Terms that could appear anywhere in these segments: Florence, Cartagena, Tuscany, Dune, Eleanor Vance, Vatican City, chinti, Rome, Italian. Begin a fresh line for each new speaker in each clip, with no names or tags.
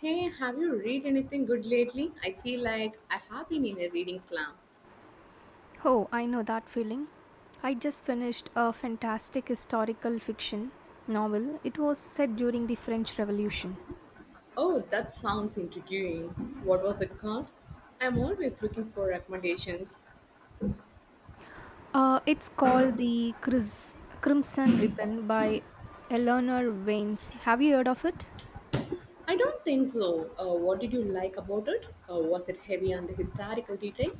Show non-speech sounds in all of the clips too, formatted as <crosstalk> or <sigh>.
Hey, have you read anything good lately? I feel like I have been in a reading slump.
Oh, I know that feeling. I just finished a fantastic historical fiction novel. It was set during the French Revolution.
Oh, that sounds intriguing. What was it called? I'm always looking for recommendations.
It's called the Crimson Ribbon by Eleanor Vance. Have you heard of it?
I don't think so. What did you like about it? Was it heavy on the historical detail?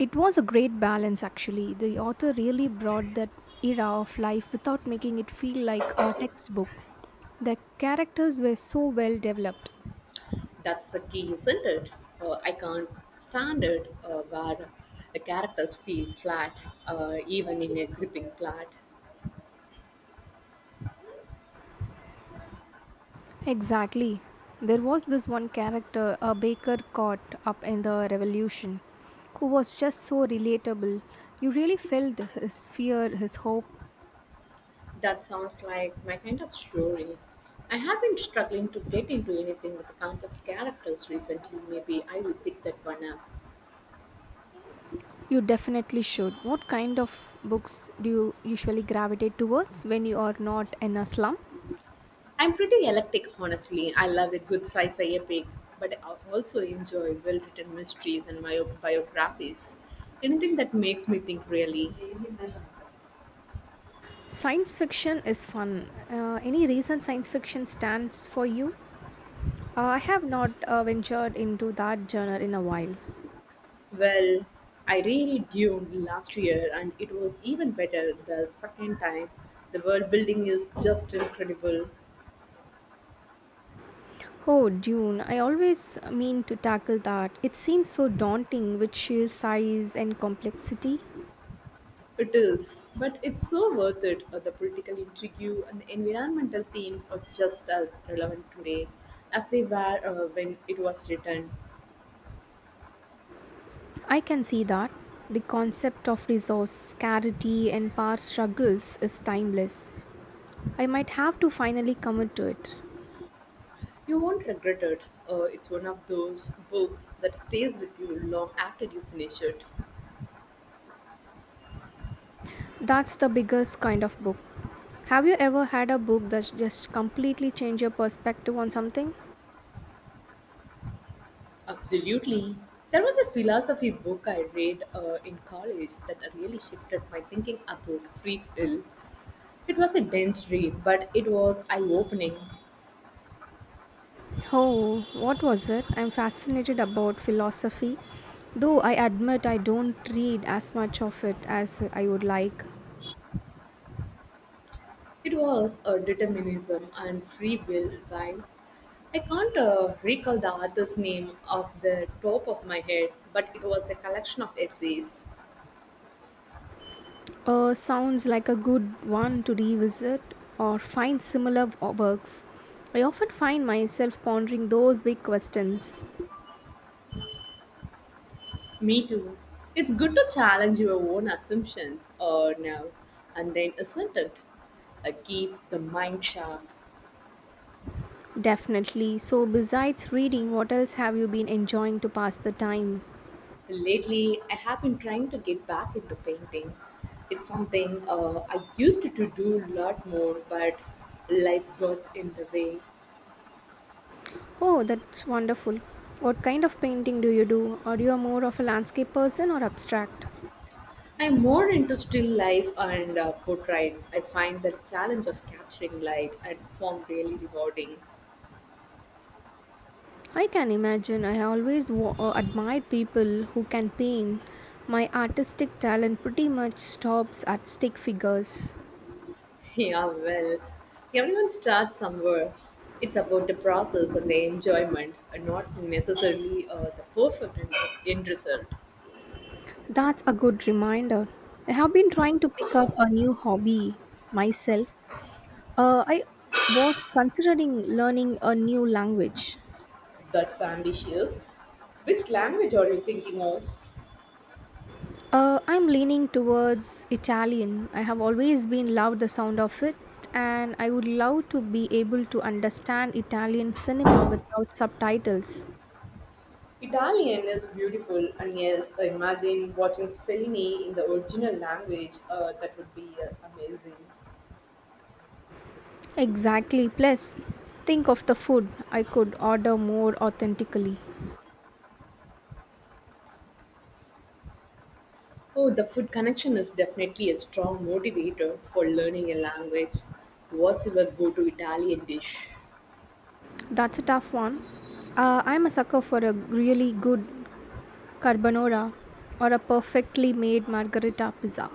It was a great balance, actually. The author really brought that era of life without making it feel like a textbook. The characters were so well developed.
That's the key, isn't it? I can't stand it where the characters feel flat, even in a gripping plot.
Exactly. There was this one character, a baker caught up in the revolution, who was just so relatable. You really felt his fear, his hope.
That sounds like my kind of story. I have been struggling to get into anything with complex characters recently. Maybe I will pick that one up.
You definitely should. What kind of books do you usually gravitate towards when you are not in a slum?
I'm pretty eclectic, honestly. I love a good sci fi epic, but I also enjoy well written mysteries and biographies. Anything that makes me think, really.
Science fiction is fun. Any reason science fiction stands for you? I have not ventured into that genre in a while.
Well, I reread Dune last year, and it was even better the second time. The world building is just incredible.
Oh, Dune, I always mean to tackle that. It seems so daunting with sheer size and complexity.
It is, but it's so worth it. The political intrigue and the environmental themes are just as relevant today as they were when it was written.
I can see that. The concept of resource scarcity and power struggles is timeless. I might have to finally commit to it.
You won't regret it. It's one of those books that stays with you long after you finish it.
That's the biggest kind of book. Have you ever had a book that just completely changed your perspective on something?
Absolutely. There was a philosophy book I read in college that really shifted my thinking about free will. It was a dense read, but it was eye opening.
Oh, what was it? I'm fascinated about philosophy, though I admit I don't read as much of it as I would like.
It was a determinism and free will rhyme. I can't recall the author's name off the top of my head, but it was a collection of essays.
Sounds like a good one to revisit or find similar works. I often find myself pondering those big questions.
Me too. It's good to challenge your own assumptions or now and then, isn't it? Keep the mind sharp.
Definitely. So, besides reading, what else have you been enjoying to pass the time?
Lately, I have been trying to get back into painting. It's something I used to do a lot more, but life got in the way.
Oh, that's wonderful. What kind of painting do you do? Are you a more of a landscape person or abstract?
I'm more into still life and portraits. I find the challenge of capturing light and form really rewarding. <laughs>
I can imagine. I always admired people who can paint. My artistic talent pretty much stops at stick figures.
Yeah, well, everyone starts somewhere. It's about the process and the enjoyment, and not necessarily the perfect end result.
That's a good reminder. I have been trying to pick up a new hobby myself. I was considering learning a new language.
That's ambitious. Which language are you thinking of?
I'm leaning towards Italian. I have always been loved the sound of it, and I would love to be able to understand Italian cinema without subtitles.
Italian is beautiful, and yes, I imagine watching Fellini in the original language, that would be amazing.
Exactly. Plus, think of the food I could order more authentically.
Oh, the food connection is definitely a strong motivator for learning a language. What's your go to Italian dish?
That's a tough one. I'm a sucker for a really good carbonara or a perfectly made margherita pizza.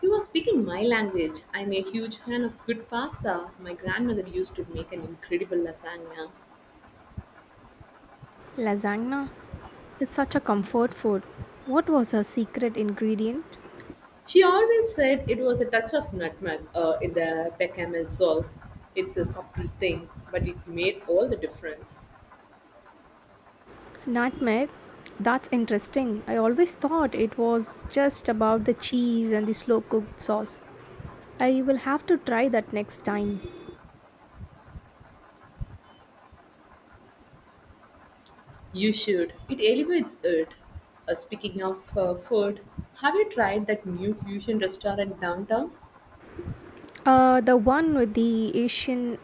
You are speaking my language. I'm a huge fan of good pasta. My grandmother used to make an incredible lasagna.
Lasagna is such a comfort food. What was her secret ingredient?
She always said it was a touch of nutmeg in the bechamel sauce. It's a subtle thing, but it made all the difference.
Nutmeg. That's interesting. I always thought it was just about the cheese and the slow cooked sauce. I will have to try that next time.
You should. It elevates it. Speaking of food, have you tried that new fusion restaurant downtown?
The one with the Asian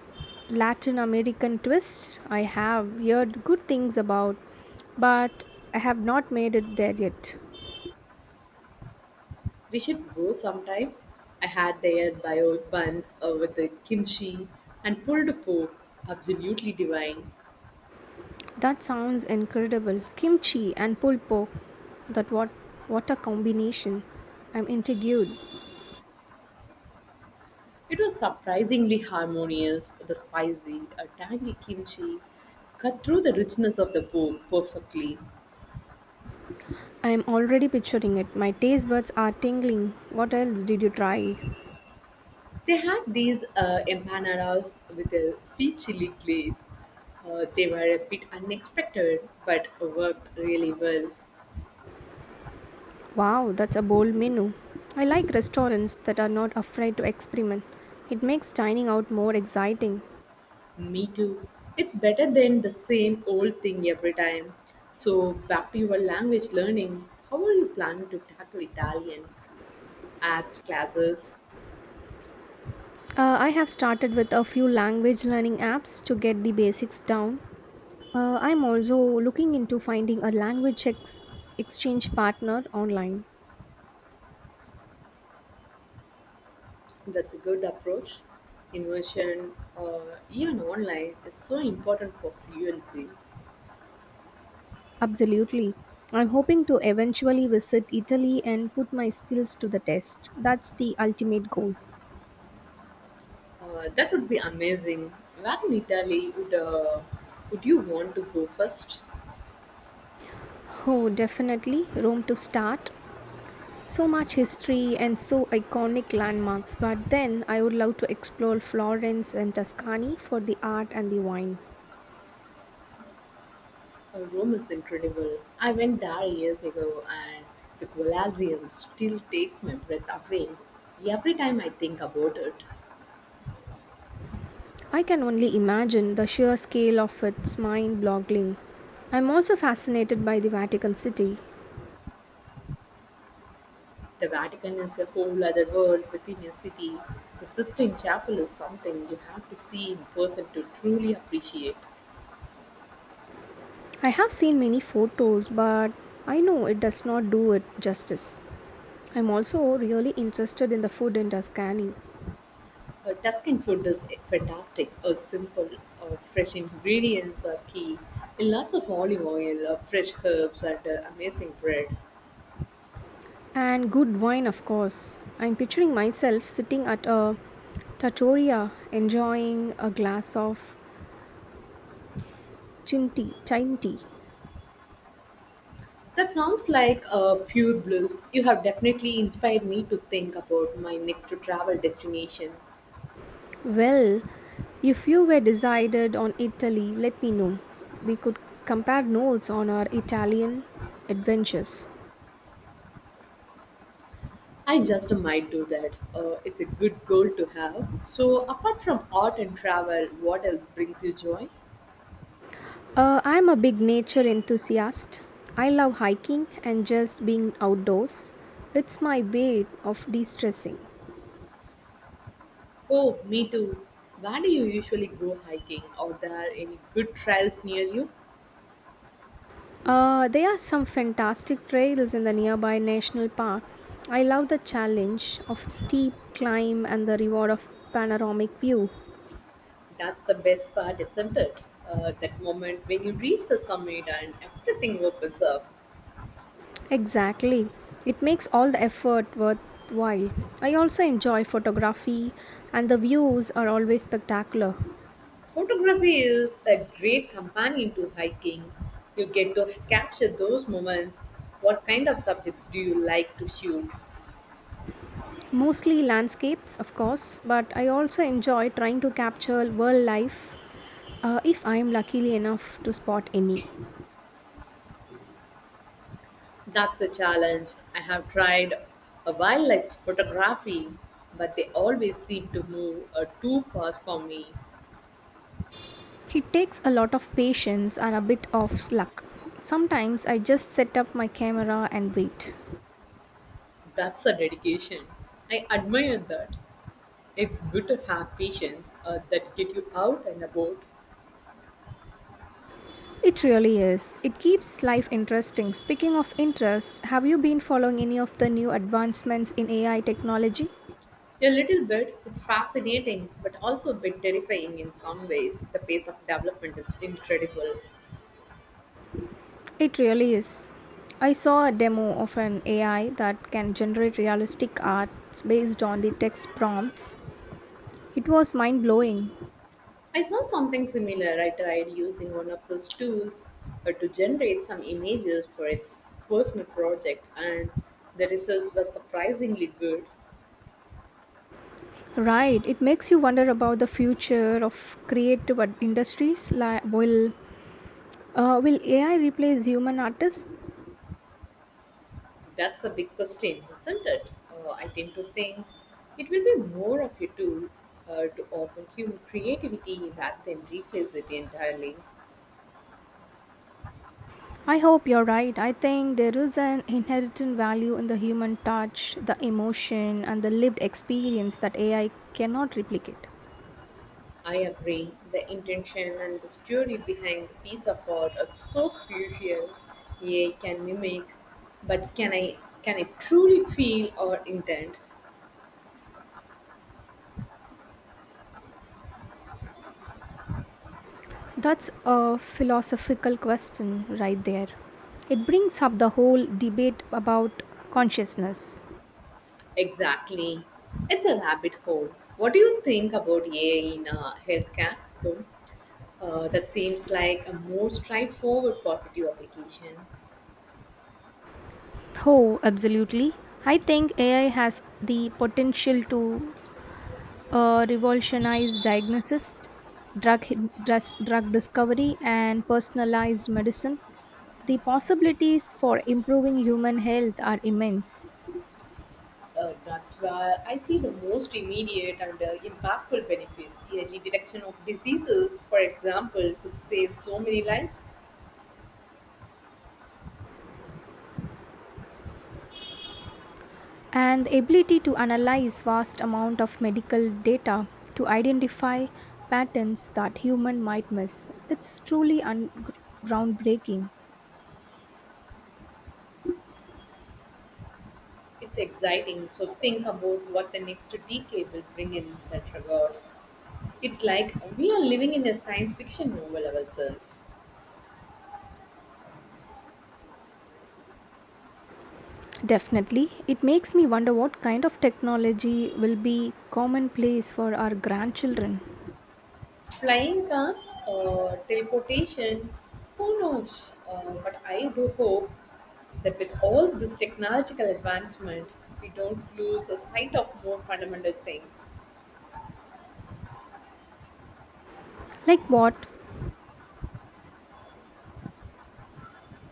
Latin American twist, I have heard good things about, but I have not made it there yet.
We should go sometime. I had their bio buns with the kimchi and pulled pork, absolutely divine.
That sounds incredible. Kimchi and pulpo. That what a combination. I'm intrigued.
It was surprisingly harmonious, the spicy, tangy kimchi cut through the richness of the pork perfectly.
I'm already picturing it. My taste buds are tingling. What else did you try?
They had these empanadas with a sweet chili glaze. They were a bit unexpected, but worked really well.
Wow, that's a bold menu. I like restaurants that are not afraid to experiment. It makes dining out more exciting.
Me too. It's better than the same old thing every time. So, back to your language learning. How are you planning to tackle Italian? Apps, classes.
I have started with a few language learning apps to get the basics down. I'm also looking into finding a language exchange partner online.
That's a good approach. Immersion, or even online, is so important for fluency.
Absolutely. I'm hoping to eventually visit Italy and put my skills to the test. That's the ultimate goal.
That would be amazing. Where in Italy would you want to go first?
Oh, definitely. Rome to start. So much history and so iconic landmarks, but then I would love to explore Florence and Tuscany for the art and the wine.
Rome is incredible. I went there years ago and the Colosseum still takes my breath away. Every time I think about it,
I can only imagine the sheer scale of its mind boggling. I'm also fascinated by the Vatican City.
the Vatican is a whole other world within a city. The Sistine Chapel is something you have to see in person to truly appreciate.
I have seen many photos, but I know it does not do it justice. I'm also really interested in the food in Tuscany.
Tuscan food is fantastic, simple, fresh ingredients are key, and lots of olive oil, fresh herbs, and amazing bread.
And good wine, of course. I'm picturing myself sitting at a trattoria enjoying a glass of chinti, chine tea.
That sounds like pure bliss. You have definitely inspired me to think about my next travel destination.
Well, if you were decided on Italy, let me know. We could compare notes on our Italian adventures.
I just might do that. It's a good goal to have. So, apart from art and travel, what else brings you joy?
I'm a big nature enthusiast. I love hiking and just being outdoors. It's my way of de stressing.
Oh, me too. Where do you usually go hiking? Are there any good trails near you?
There are some fantastic trails in the nearby national park. I love the challenge of steep climb and the reward of panoramic view.
That's the best part, isn't it? That moment when you reach the summit and everything opens up.
Exactly. It makes all the effort worthwhile. I also enjoy photography, and the views are always spectacular.
Photography is a great companion to hiking. You get to capture those moments. What kind of subjects do you like to shoot?
Mostly landscapes, of course, but I also enjoy trying to capture wildlife if I am lucky enough to spot any.
That's a challenge. I have tried a wildlife photography, but they always seem to move too fast for me.
It takes a lot of patience and a bit of luck. Sometimes I just set up my camera and wait.
That's a dedication. I admire that. It's good to have patience that get you out and about.
It really is. It keeps life interesting. Speaking of interest, have you been following any of the new advancements in AI technology?
A little bit. It's fascinating, but also a bit terrifying in some ways. The pace of development is incredible.
It really is. I saw a demo of an AI that can generate realistic art based on the text prompts. It was mind blowing.
I saw something similar. I tried using one of those tools to generate some images for a personal project, and the results were surprisingly good.
Right, it makes you wonder about the future of creative industries. Like, will AI replace human artists?
That's a big question, isn't it? I tend to think it will be more of a tool to open human creativity rather than replace it entirely.
I hope you're right. I think there is an inherent value in the human touch, the emotion, and the lived experience that AI cannot replicate.
I agree. The intention and the story behind the piece of art are so crucial. AI can mimic, but can I truly feel or intent?
That's a philosophical question right there. It brings up the whole debate about consciousness.
Exactly. It's a rabbit hole. What do you think about AI in healthcare, though? That seems like a more straightforward positive application.
Oh, absolutely. I think AI has the potential to revolutionized diagnosis, drug, drug discovery, and personalized medicine, the possibilities for improving human health are immense.
That's where I see the most immediate and impactful benefits. Early detection of diseases, for example, could save so many lives.
And the ability to analyze vast amount of medical data to identify patterns that human might miss, it's truly groundbreaking.
It's exciting. So think about what the next decade will bring in that regard. It's like we are living in a science fiction novel ourselves.
Definitely, it makes me wonder what kind of technology will be commonplace for our grandchildren.
Flying cars, teleportation, who knows? But I do hope that with all this technological advancement, we don't lose a sight of more fundamental things.
Like what?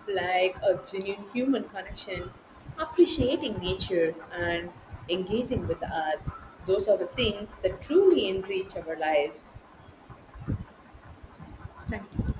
Like a genuine human connection, appreciating nature, and engaging with the arts. Those are the things that truly enrich our lives. Thank you.